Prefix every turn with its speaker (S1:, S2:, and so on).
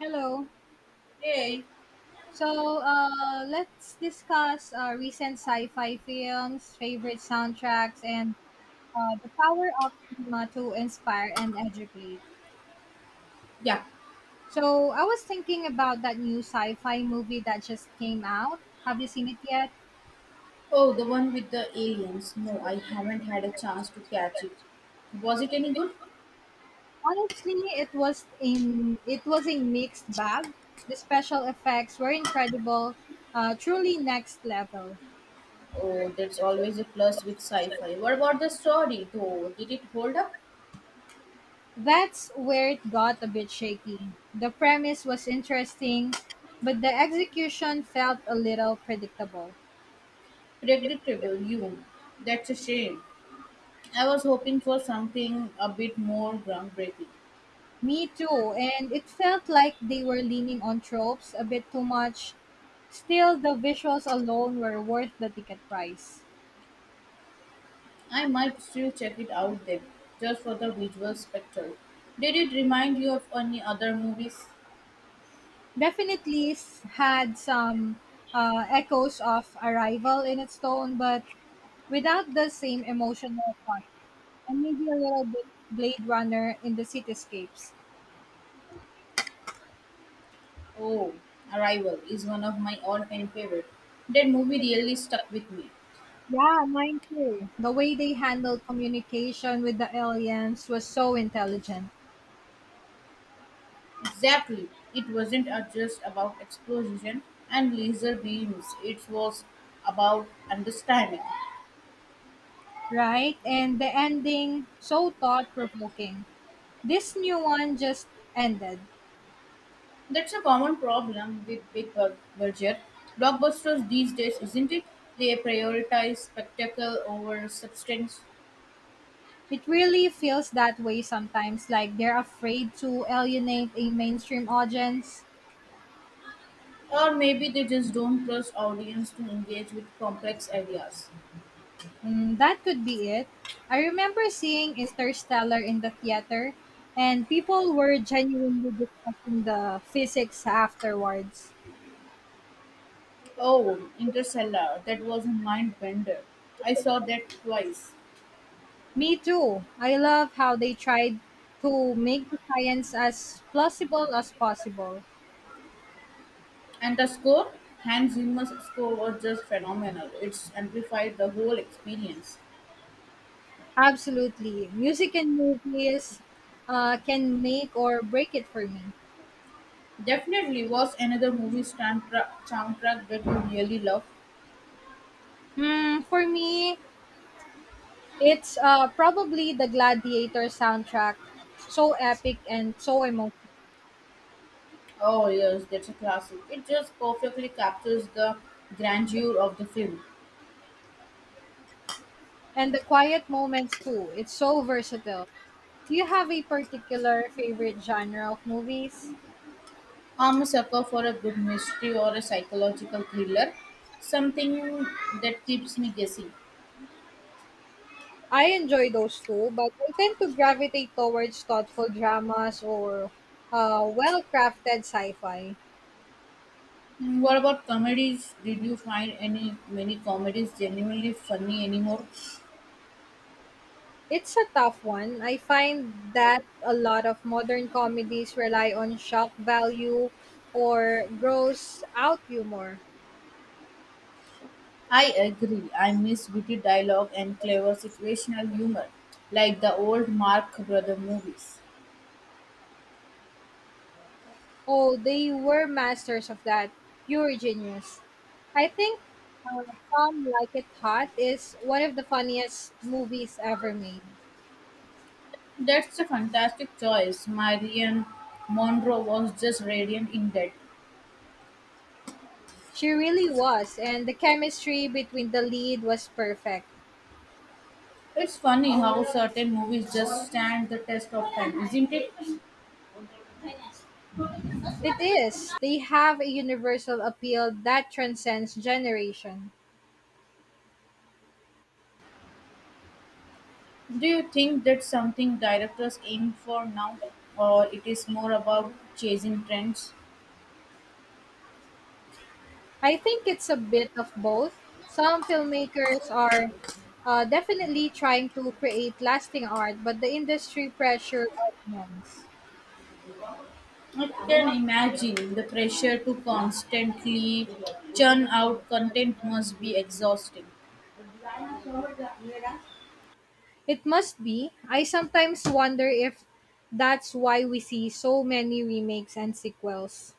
S1: Hello.
S2: Hey,
S1: So let's discuss recent sci-fi films, favorite soundtracks, and the power of cinema to inspire and educate.
S2: yeah.
S1: So I was thinking about that new sci-fi movie that just came out. Have you seen it yet?
S2: Oh, the one with the aliens. No, I haven't had a chance to catch it. Was it any good?
S1: Honestly, it was a mixed bag. The special effects were incredible, truly next level.
S2: Oh, that's always a plus with sci-fi. What about the story, though? Did it hold up?
S1: That's where it got a bit shaky. The premise was interesting, but the execution felt a little predictable.
S2: Predictable, you. That's a shame. I was hoping for something a bit more groundbreaking.
S1: Me too, and it felt like they were leaning on tropes a bit too much. Still, the visuals alone were worth the ticket price.
S2: I might still check it out then, just for the visual spectacle. Did it remind you of any other movies?
S1: Definitely had some echoes of Arrival in its tone, but without the same emotional fun, and maybe a little bit Blade Runner in the cityscapes.
S2: Oh, Arrival is one of my all time favorite. That movie really stuck with me.
S1: Yeah, mine too. The way they handled communication with the aliens was so intelligent,
S2: Exactly. It wasn't just about explosion and laser beams, it was about understanding.
S1: right? And the ending so thought provoking. This new one just ended.
S2: That's a common problem with budget blockbusters these days, isn't it? They prioritize spectacle over substance,
S1: It really feels that way sometimes, like they're afraid to alienate a mainstream audience.
S2: or maybe they just don't trust audience to engage with complex ideas.
S1: Mm, that could be it. I remember seeing Interstellar in the theater, and people were genuinely discussing the physics afterwards.
S2: Oh, Interstellar. That was a mind bender. I saw that twice.
S1: Me too. I love how they tried to make the science as plausible as possible.
S2: And the score? Hans Zimmer's score was just phenomenal. It's amplified the whole experience.
S1: Absolutely. Music and movies can make or break it for me.
S2: Definitely was another soundtrack that you really love.
S1: Hmm, for me, it's probably the Gladiator soundtrack. So epic and so emotional.
S2: Oh, yes, that's a classic. It just perfectly captures the grandeur of the film.
S1: And the quiet moments too. It's so versatile. Do you have a particular favorite genre of movies?
S2: I'm a sucker for a good mystery or a psychological thriller, something that keeps me guessing.
S1: I enjoy those too, but I tend to gravitate towards thoughtful dramas or well crafted sci fi.
S2: Mm, what about comedies? Did you find any many comedies genuinely funny anymore?
S1: It's a tough one. I find that a lot of modern comedies rely on shock value or gross out humor.
S2: I agree. I miss witty dialogue and clever situational humor, like the old Mark Brother movies.
S1: Oh, they were masters of that. Pure genius. I think Some Like It Hot is one of the funniest movies ever made.
S2: That's a fantastic choice. Marion Monroe was just radiant in that.
S1: She really was, and the chemistry between the lead was perfect.
S2: It's funny how certain movies just stand the test of time, isn't it?
S1: It is. They have a universal appeal that transcends generation.
S2: Do you think that's something directors aim for now, or it is more about chasing trends?
S1: I think it's a bit of both. Some filmmakers are definitely trying to create lasting art, but the industry pressure are immense.
S2: I can imagine the pressure to constantly churn out content must be exhausting.
S1: It must be. I sometimes wonder if that's why we see so many remakes and sequels.